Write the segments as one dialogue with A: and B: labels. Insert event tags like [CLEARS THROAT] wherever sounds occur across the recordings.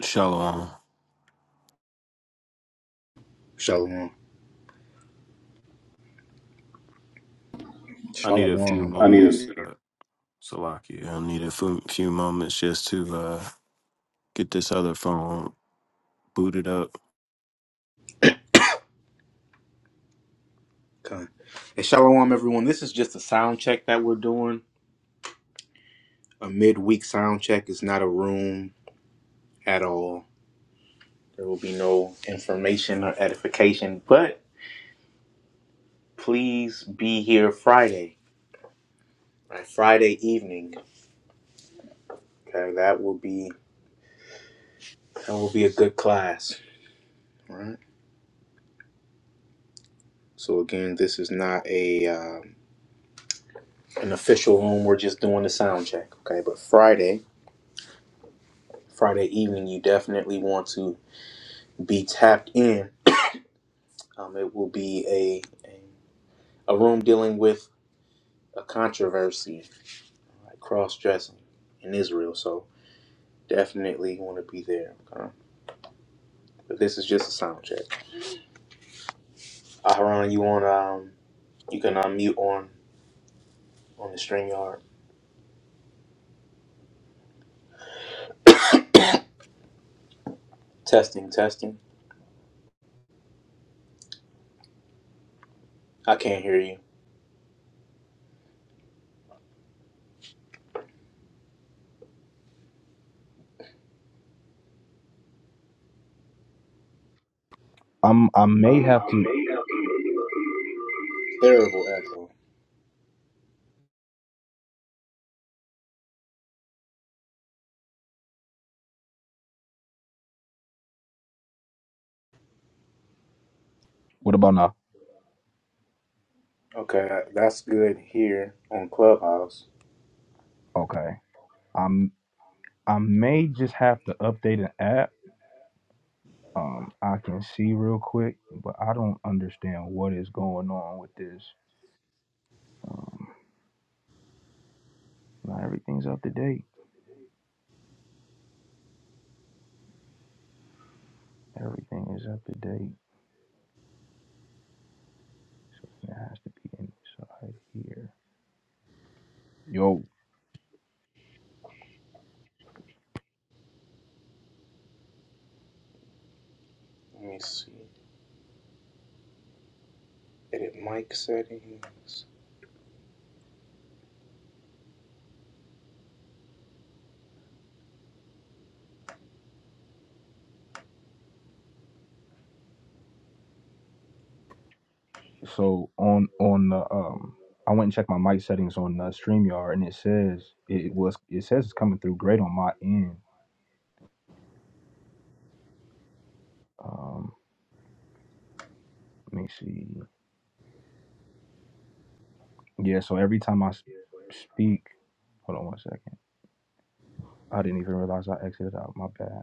A: Shalom.
B: Shalom.
A: I need a few
C: Shalom. I need
A: moments.
C: a
A: uh, Salakia. I need a few few moments just to uh, get this other phone booted up.
B: okay. And shalom, everyone. This is just a sound check that we're doing. A midweek sound check is not a room at all. There will be no information or edification, but please be here Friday, right? Friday evening. Okay, that will be that will be a good class, all right? So again, this is not a um, an official room. We're just doing the sound check, okay? But Friday, Friday evening, you definitely want to be tapped in Um, it will be a, a a room dealing with a controversy, like cross dressing in Israel. So definitely want to be there. Okay? But this is just a sound check. Aharon, you on? Um, you can unmute on on the Streamyard. Testing, testing. I can't hear you.
D: I'm I may have to.
B: Terrible echo.
D: What about now?
B: Okay, that- that's good here on Clubhouse.
D: Okay. I'm I may just have to update an app. Um, I can see real quick, but I don't understand what is going on with this. Um, not everything's up to date. Everything is up to date, so it has to be inside here. Yo,
B: Let me see. Edit mic settings.
D: so on on the um, I went and checked my mic settings on uh, Streamyard, and it says it was it says it's coming through great on my end. Um, let me see. Yeah, so every time I s- speak, hold on one second. I didn't even realize I exited out. My bad.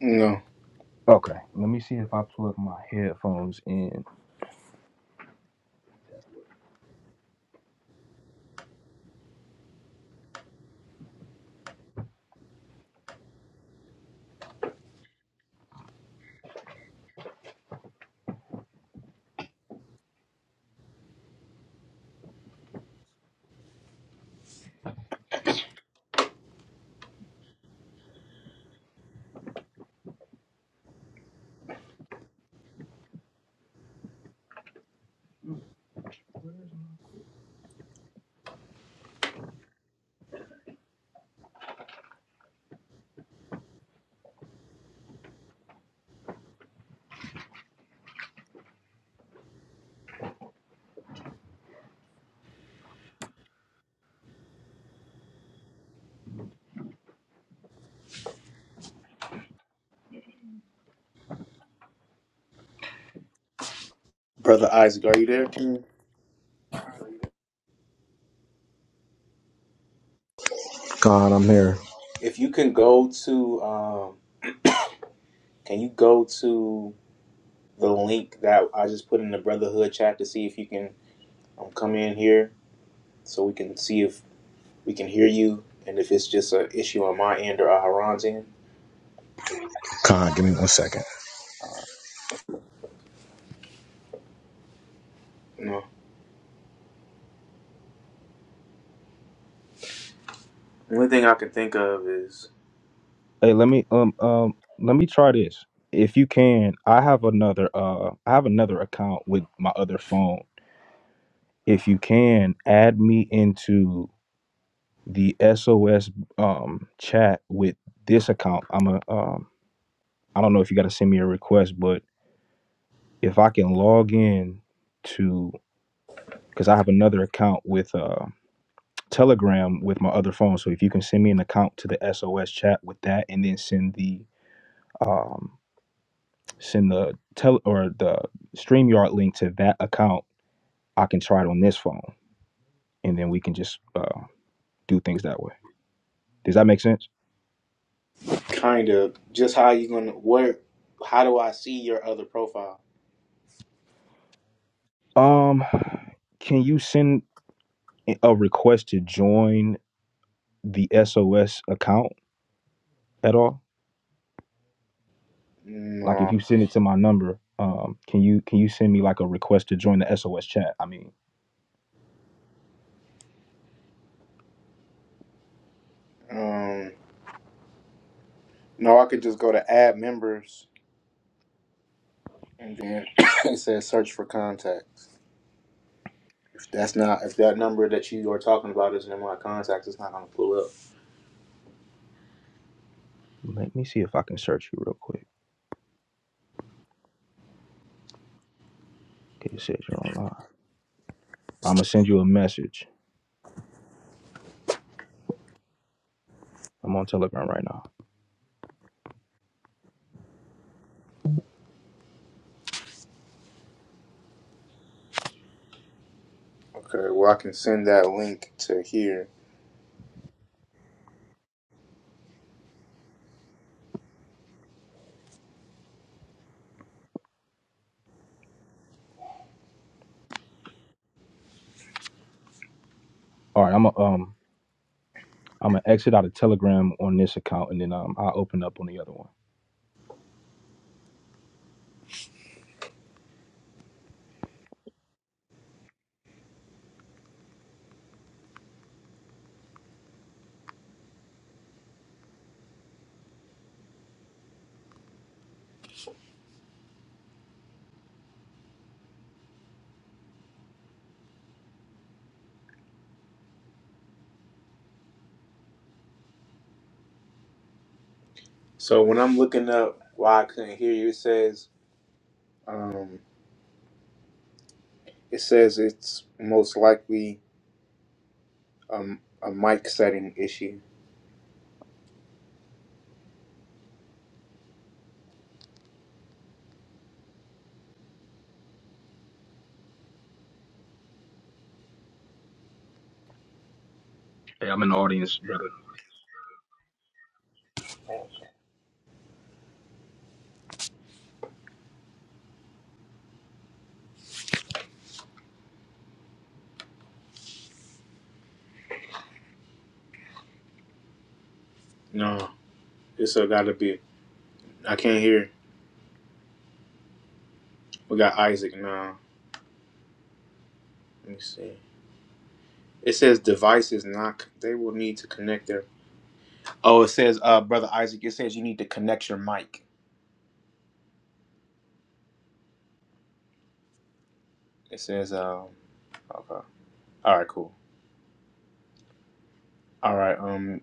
B: No,
D: Okay, let me see if I plug my headphones in.
B: brother Isaac, are you there? Mm.
C: God, I'm here.
B: If you can go to um Can you go to the link that I just put in the Brotherhood chat to see if you can um, come in here so we can see if we can hear you and if it's just an issue on my end or Aharon's end?
C: God, give me one second.
B: No. The only thing I can think of is
D: Hey, let me um um let me try this. If you can, I have another uh I have another account with my other phone. If you can, add me into the SOS um chat with this account. I'm a um I don't know if you got to send me a request, but if I can log in to because I have another account with uh, Telegram with my other phone. So if you can send me an account to the SOS chat with that, and then send the um, send the tele or the Streamyard link to that account, I can try it on this phone, and then we can just uh, do things that way. Does that make sense?
B: kind of just how you gonna where how do I see your other profile?
D: Um, can you send a request to join the SOS account at all? Like if
B: No.
D: you send it to my number, um, can you can you send me like a request to join the SOS chat? I mean.
B: Um no, I could just go to add members and then [COUGHS] it says search for contacts. If that's not if that number that you are talking about isn't in my contacts, it's not gonna pull up.
D: Let me see if I can search you real quick. Okay, it says you're online. I'm gonna send you a message. I'm on Telegram right now.
B: Okay, well, I can send that link to here.
D: All right, I'm gonna um I'm gonna exit out of Telegram on this account and then um I'll open up on the other one.
B: So when I'm looking up why I couldn't hear you, it says um, it says it's most likely um, a mic setting issue.
D: Hey, I'm in the audience, brother.
B: No, it's uh, got to be. I can't hear. We got Isaac now. Let me see. It says devices not. They will need to connect their. Oh, it says, uh, brother Isaac. It says you need to connect your mic. It says, um, okay. All right, cool. All right, um,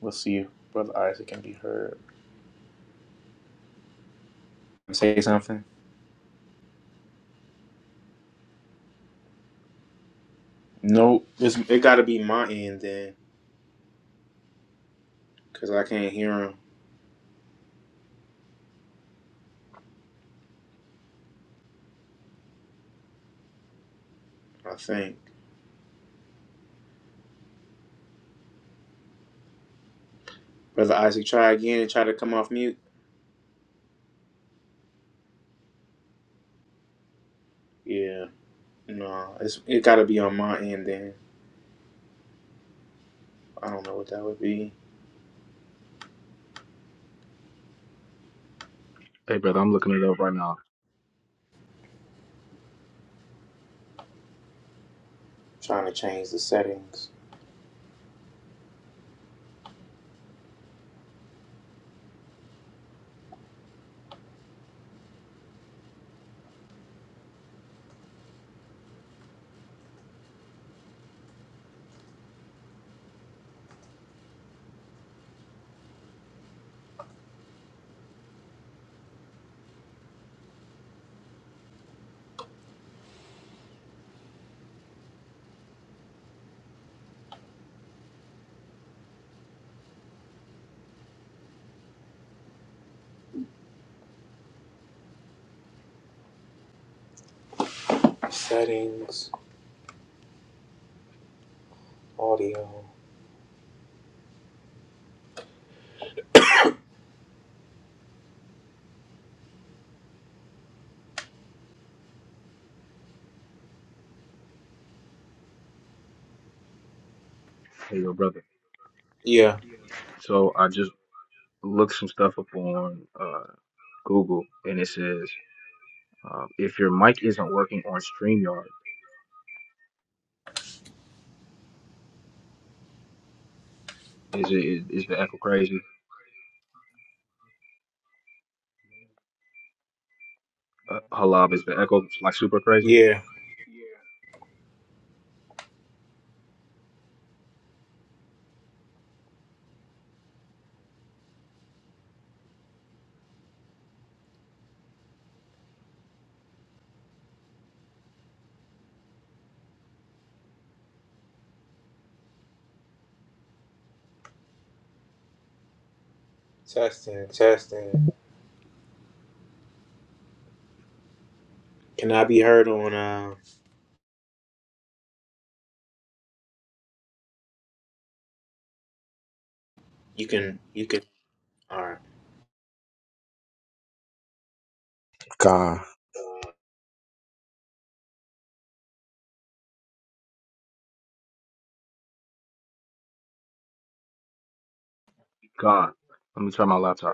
B: we'll see you, brother Isaac, can be heard. Say something. Nope. It's, it got to be my end then, because I can't hear him, I think. Brother Isaac, try again and try to come off mute. Yeah. No, it's, it got to be on my end then. I don't know what that would be.
D: Hey, brother, I'm looking it up right now.
B: trying to change the settings. Settings, audio.
D: Hey, yo, brother.
B: Yeah.
D: So I just looked some stuff up on uh, Google, and it says um, if your mic isn't working on Streamyard, is it is, is the echo crazy? Uh, Halab, is the echo like super crazy?
B: Yeah. Testing, testing. Can I be heard on, uh, you can, you can, all right.
C: God.
D: God, let me turn my laptop.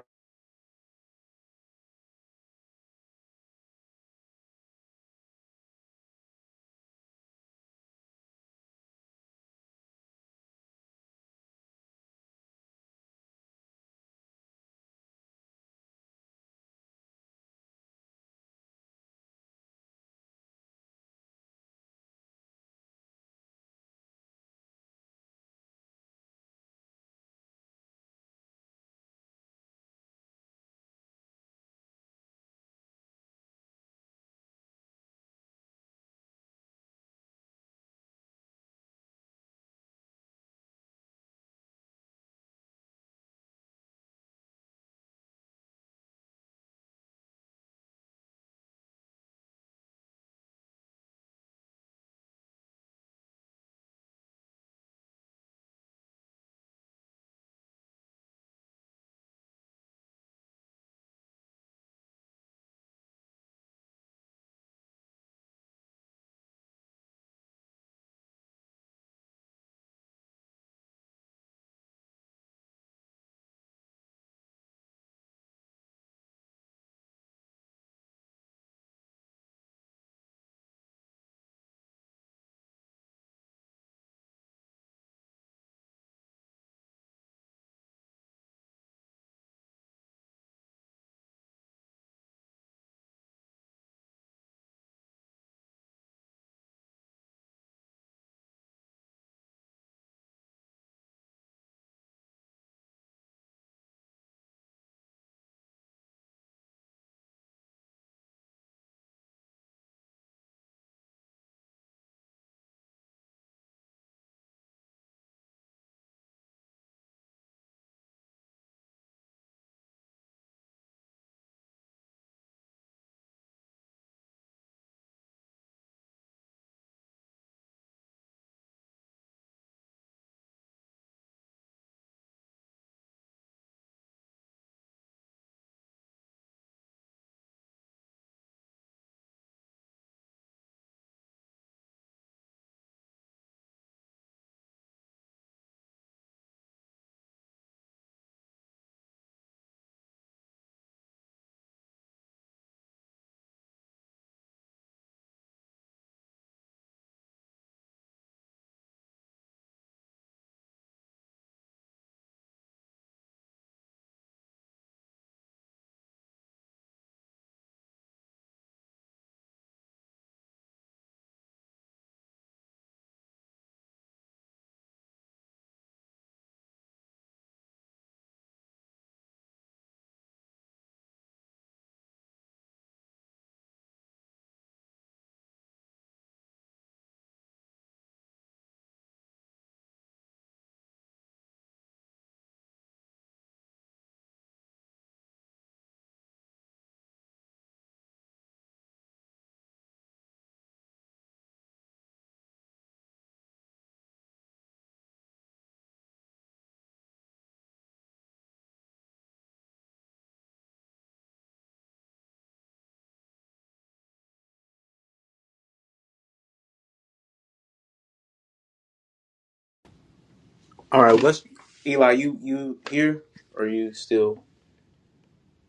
B: All right, all right. Let's, Eli, you, you here? Or are you still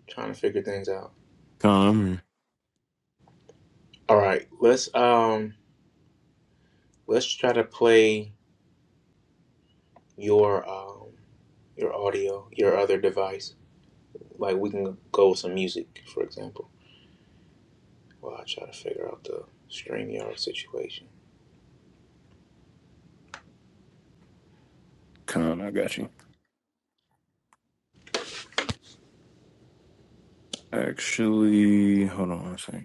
B: trying to figure things out?
A: Come. here.
B: All right, let's, um, Let's try to play your um, your audio, your other device. Like we can go with some music, for example. While I try to figure out the StreamYard situation.
A: Come, I got you. Actually, hold on one second.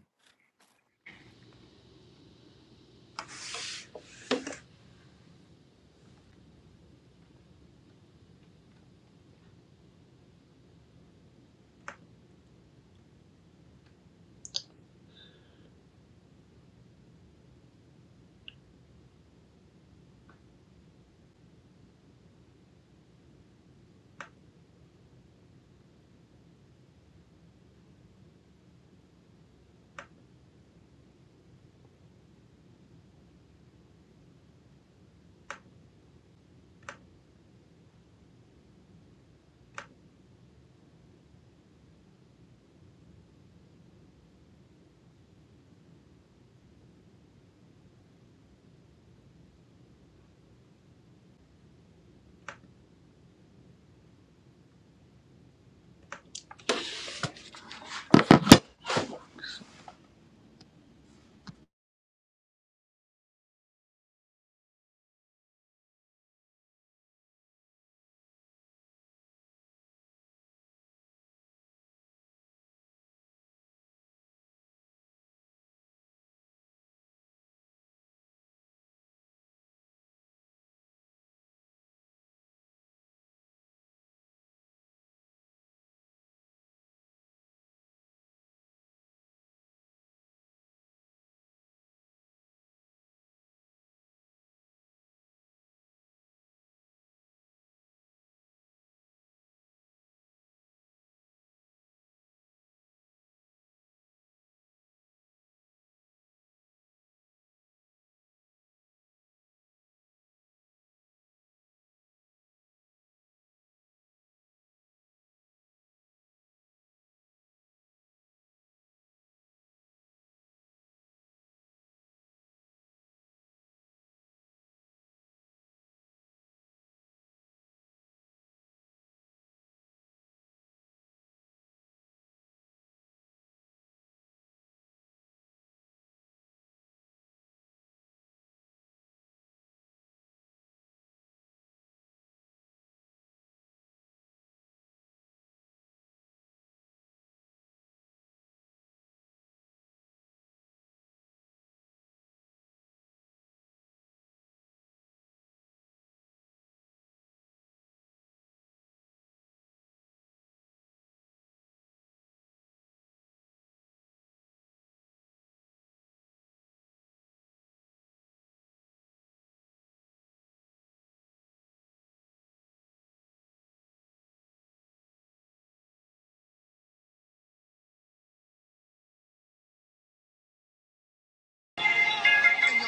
E: Hey,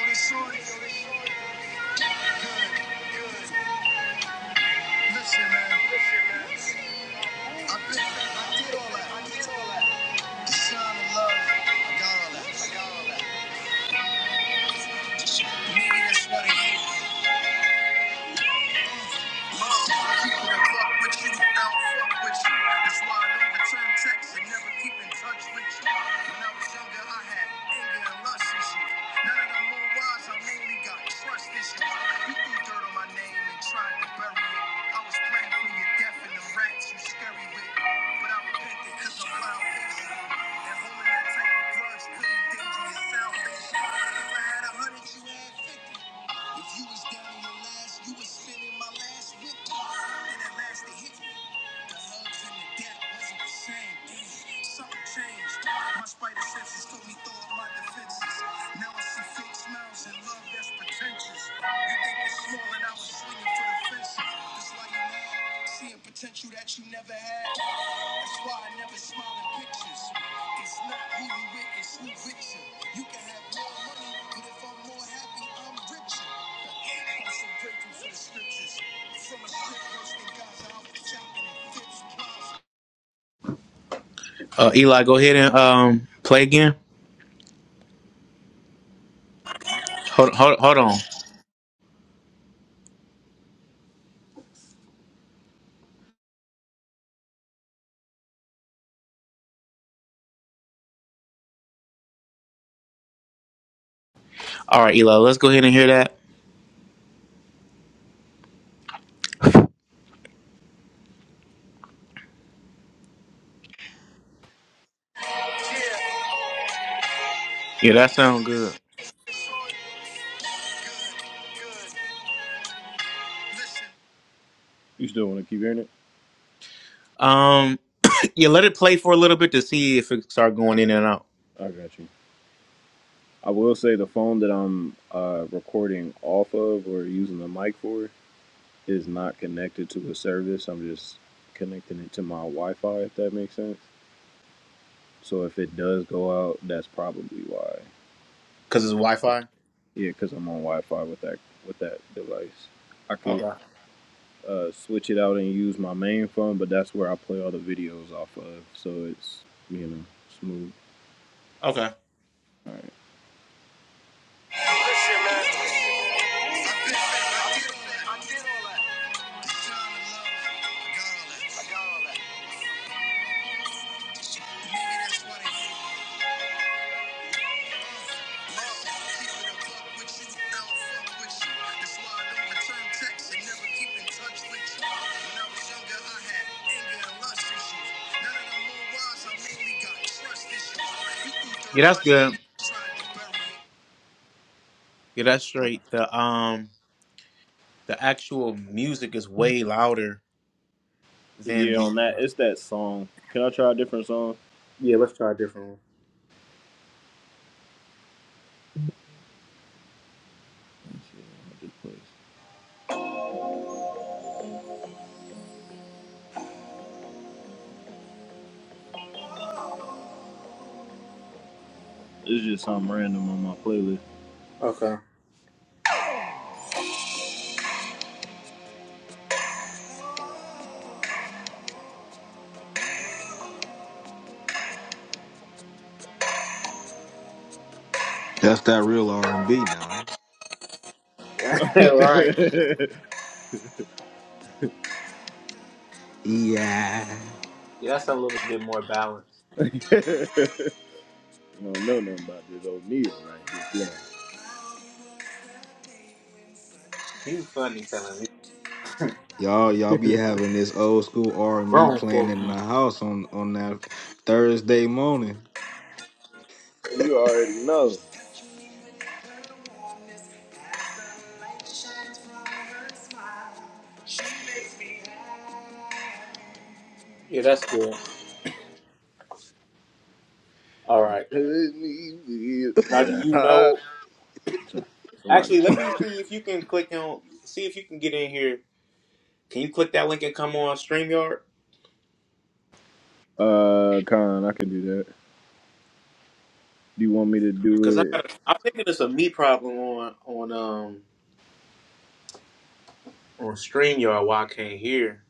E: i did all that, The shine of love, I got all that. Maybe that's what it is. Death and them rats you scary with, but I repented cause I'm wild. That holding that type of grudge could endanger your salvation. If I had a hundred, you had fifty. If you was down your last, you was spending my last victory. Then at last hit The hugs and the gap wasn't the same. something changed. My spider senses told me throw up my defenses. Now I see fake smiles and love that's pretentious. You think it's small and I was swinging for the fences. That's why you mad, seeing potential that you never had. That's why I never smile in pictures. It's not who you with, it's who with you. You can have more money, but if I'm more happy, I'm richer. I'm so grateful for the scriptures. From a strip verse in Gaza, I was shopping and fits. Yeah,
B: Uh, Eli, go ahead and um, play again. Hold, hold, hold on. All right, Eli, let's go ahead and hear that.
E: hey,
B: Yeah, that
E: yo,
B: sounds
E: this
B: good.
E: shit good. Listen. You still want to keep hearing it?
B: Um, [CLEARS THROAT] yeah, let it play for a little bit to see if it start going in and out
E: I got you. I will say the phone that I'm uh, recording off of or using the mic for is not connected to a service. I'm just connecting it to my Wi-Fi, if that makes sense. So if it does go out, that's probably why.
B: because it's Wi-Fi.
E: Yeah, because I'm on Wi-Fi with that with that device. I could
B: Okay.
E: uh, switch it out and use my main phone, but that's where I play all the videos off of. So it's you know smooth.
B: Okay.
E: All right. I did all that. I did all that. I got all that.
B: Yeah, that's good. Yeah, that's straight. The um, the actual music is way louder than
E: Yeah, on
B: the
E: that, it's that song. Can I try a different song?
B: Yeah, let's try a different
E: Shit, this place. It's just something random on my playlist.
B: one. Okay.
D: That's that real R and B now.
B: [LAUGHS] right.
E: [LAUGHS]
D: Yeah.
B: Yeah, that's a little bit more balanced.
E: I don't know nothing about this O'Neal right here.
B: He was funny telling me.
D: Y'all y'all be having this old school R and B
B: Wrong. [LAUGHS]
D: playing
B: folk
D: in the
B: you.
D: house on on that Thursday morning.
E: Yeah. You already know. [LAUGHS]
B: Yeah, that's good. All right. Now, do you know?
E: Sorry. It's a lot.
B: Actually, let me see if you can click on. See if you can get in here. Can you click that link and come on Streamyard?
E: Uh, Con, I can do that. Do you want me to do
B: Because I
E: it?
B: got. I'm thinking it's a me problem on on um on Streamyard. Why I can't hear?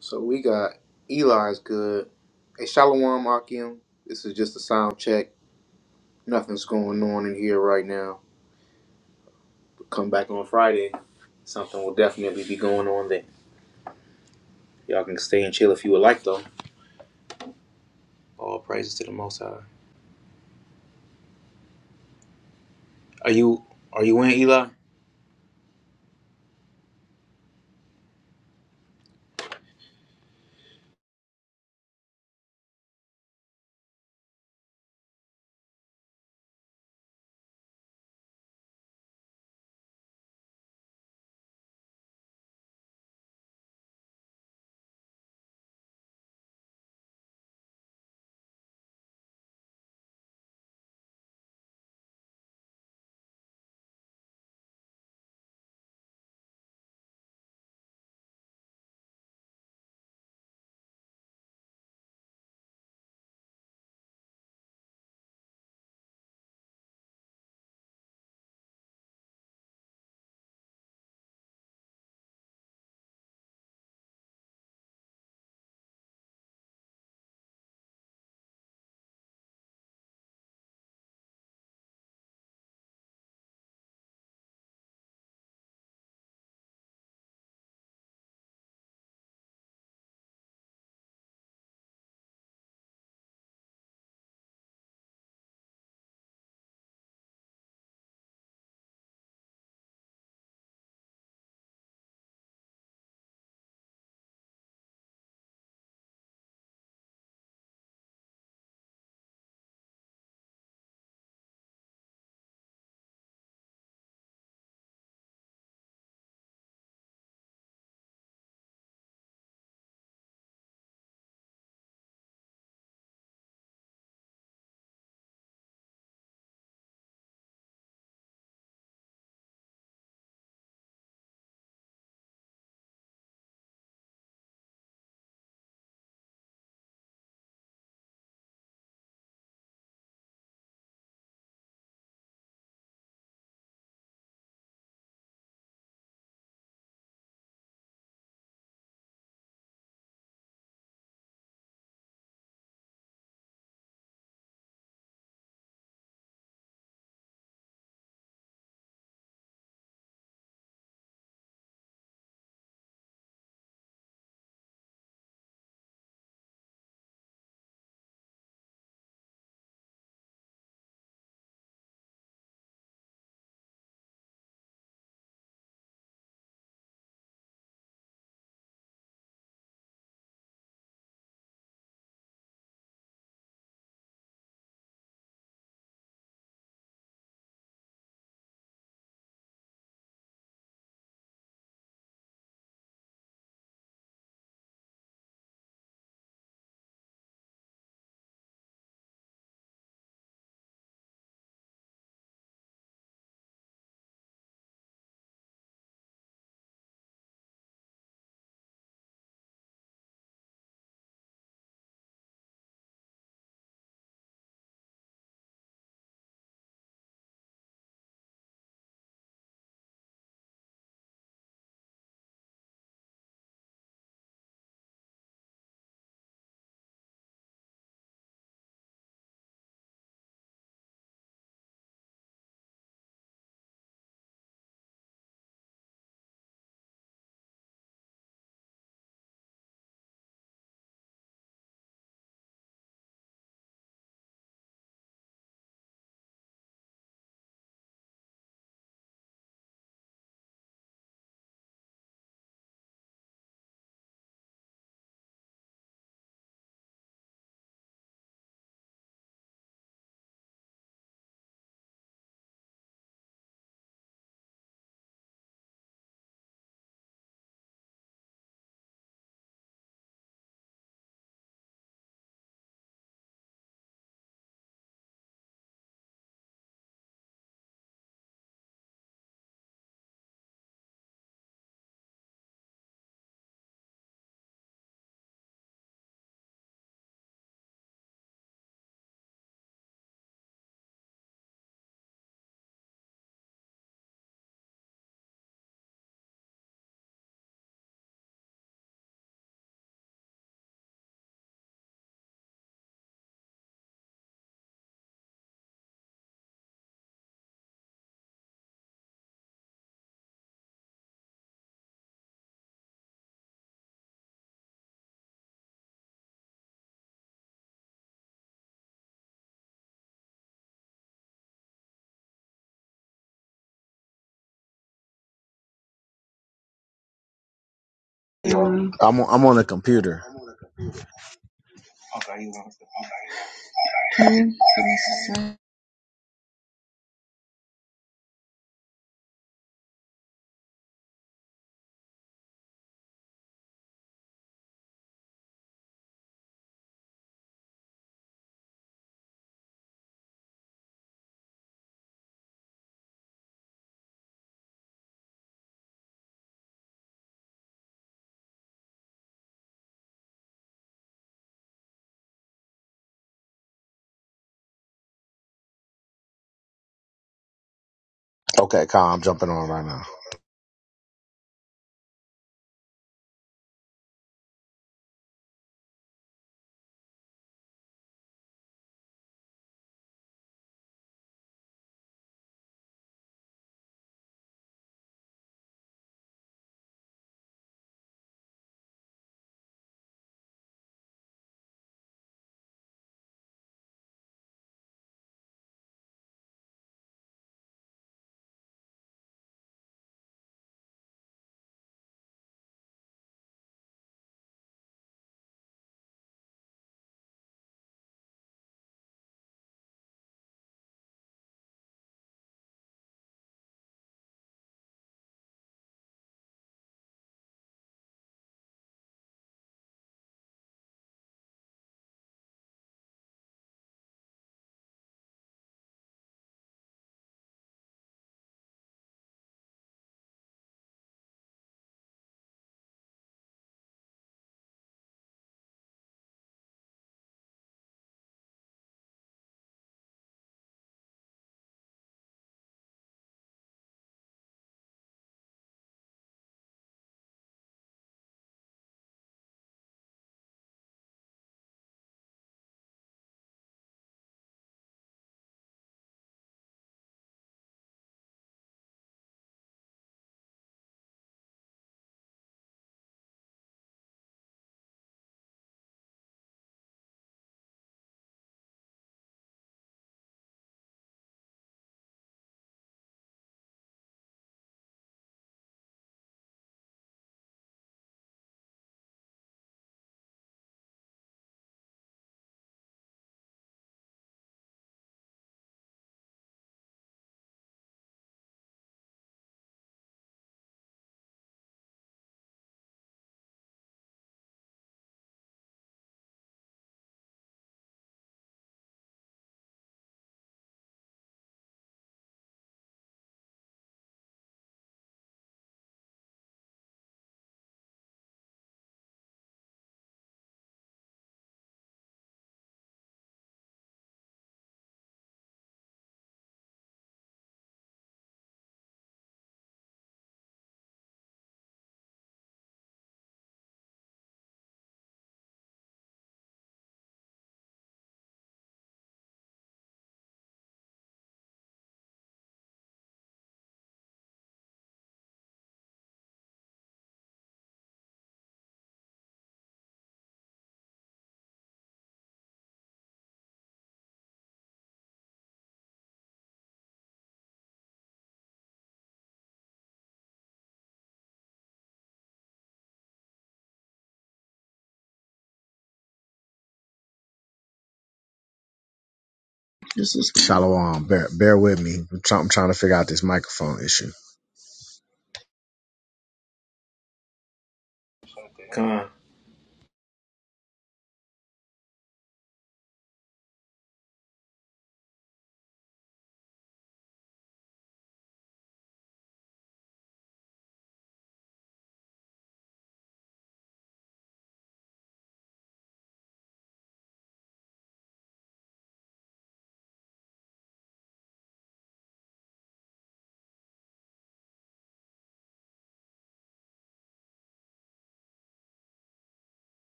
B: So we got Eli's good. Hey, Shalom Akim. This is just a sound check. Nothing's going on in here right now. Come back on Friday. Something will definitely be going on there. Y'all can stay and chill if you would like, though. All praises to the Most High. Are you Are you in Eli?
C: Um, I'm on, I'm on a computer. okay, so uh, Okay, God, I'm jumping on right now. this is Shalom. Bear, bear with me. I'm, try- I'm trying to figure out this microphone issue.
B: Come on.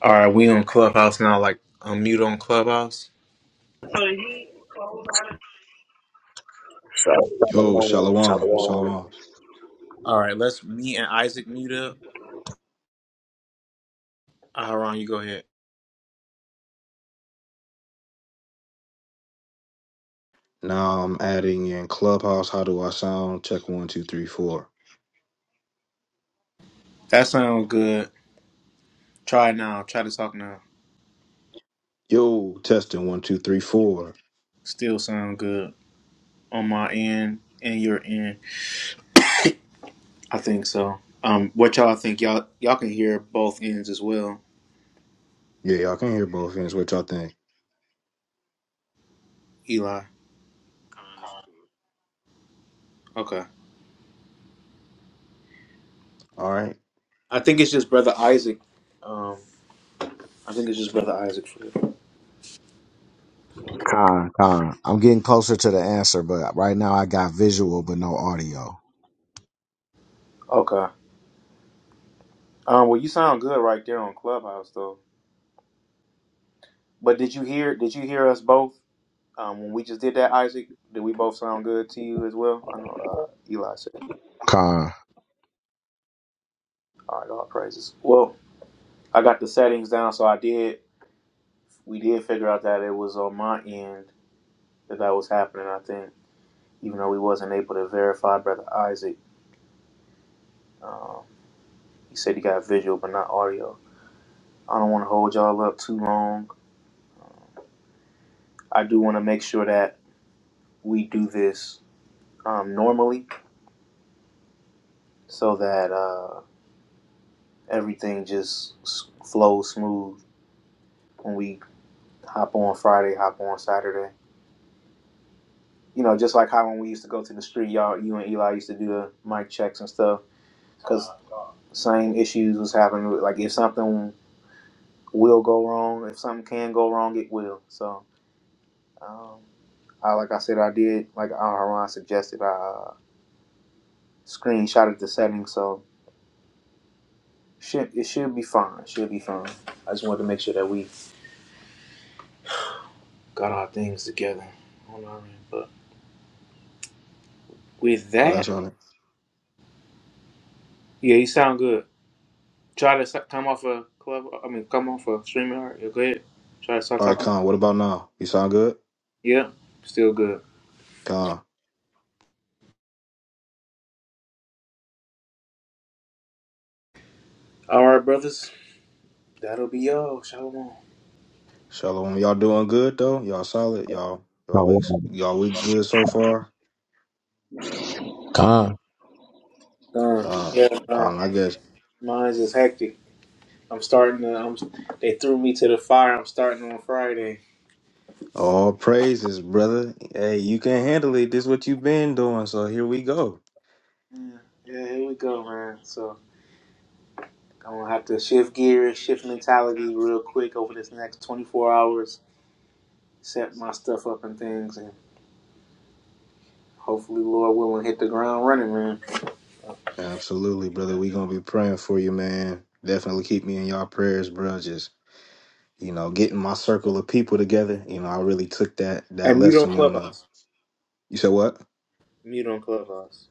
B: All right, we on Clubhouse now. Like unmute on Clubhouse.
D: Yo,
C: Shalom.
D: Shalom,
C: Shalom.
D: Shalom.
B: All right, let's me and Isaac mute up. Aharon, you go ahead.
D: Now I'm adding in Clubhouse. How do I sound? Check one, two, three, four.
B: That sounds good. Try it now. Try to talk now.
D: Yo, testing one, two, three, four.
B: Still sound good on my end and your end. I think so. Um, what y'all think? Y'all y'all can hear both ends as well.
D: Yeah, y'all can hear both ends. What y'all think?
B: Eli. Okay.
D: All right.
B: I think it's just brother Isaac. Um, I think it's just brother Isaac. For you.
C: God, God. I'm getting closer to the answer, but right now I got visual but no audio.
B: Okay. Um, well, you sound good right there on Clubhouse, though. But did you hear? Did you hear us both um, when we just did that, Isaac? Did we both sound good to you as well? I know uh, Eli said,
C: God.
B: "All right, all praises." Well, I got the settings down, so I did. We did figure out that it was on my end that that was happening. I think, even though we wasn't able to verify, brother Isaac, um, he said he got visual but not audio. I don't want to hold y'all up too long. Um, I do want to make sure that we do this um, normally so that uh, everything just flows smooth when we hop on Friday, hop on Saturday. You know, just like how when we used to go to the street, y'all, you and Eli used to do the mic checks and stuff because same issues was happening. Like if something will go wrong, if something can go wrong, it will. So, um, I, like I said, I did, like uh, Haran suggested, I uh, screenshotted the settings. So Should it should be fine. It Should be fine. I just wanted to make sure that we got our things together on our end. But with
D: Well,
B: that,
D: that's on it.
B: yeah, you sound good. Try to s- come off a club. I mean, come off a streamer. You're good. Try to start
D: All right,
B: talking.
D: Con. What about now? You sound good,
B: Yeah, still good.
D: Con.
B: All right, brothers. That'll be all. Shalom.
D: Shalom. Y'all doing good though? Y'all solid? Y'all y'all weeks
C: Shalom.
D: y'all week good so far?
B: Uh,
D: Uh,
B: yeah, um,
D: fine, I guess.
B: mine's is hectic. I'm starting to. I'm, they threw me to the fire. I'm starting on Friday.
D: All praises, brother. Hey, you can handle it. This what you've been doing, so here we go.
B: Yeah, yeah, here we go, man. So. I'm gonna have to shift gears, shift mentality real quick over this next 24 hours, set my stuff up and things, and hopefully, Lord willing, hit the ground running, man.
D: Absolutely, brother. We gonna be praying for you, man. Definitely keep me in y'all prayers, bro. Just you know, getting my circle of people together. You know, I really took that that
B: And mute on
D: lesson on. Uh,
B: Clubhouse.
D: you said what?
B: Mute on Clubhouse.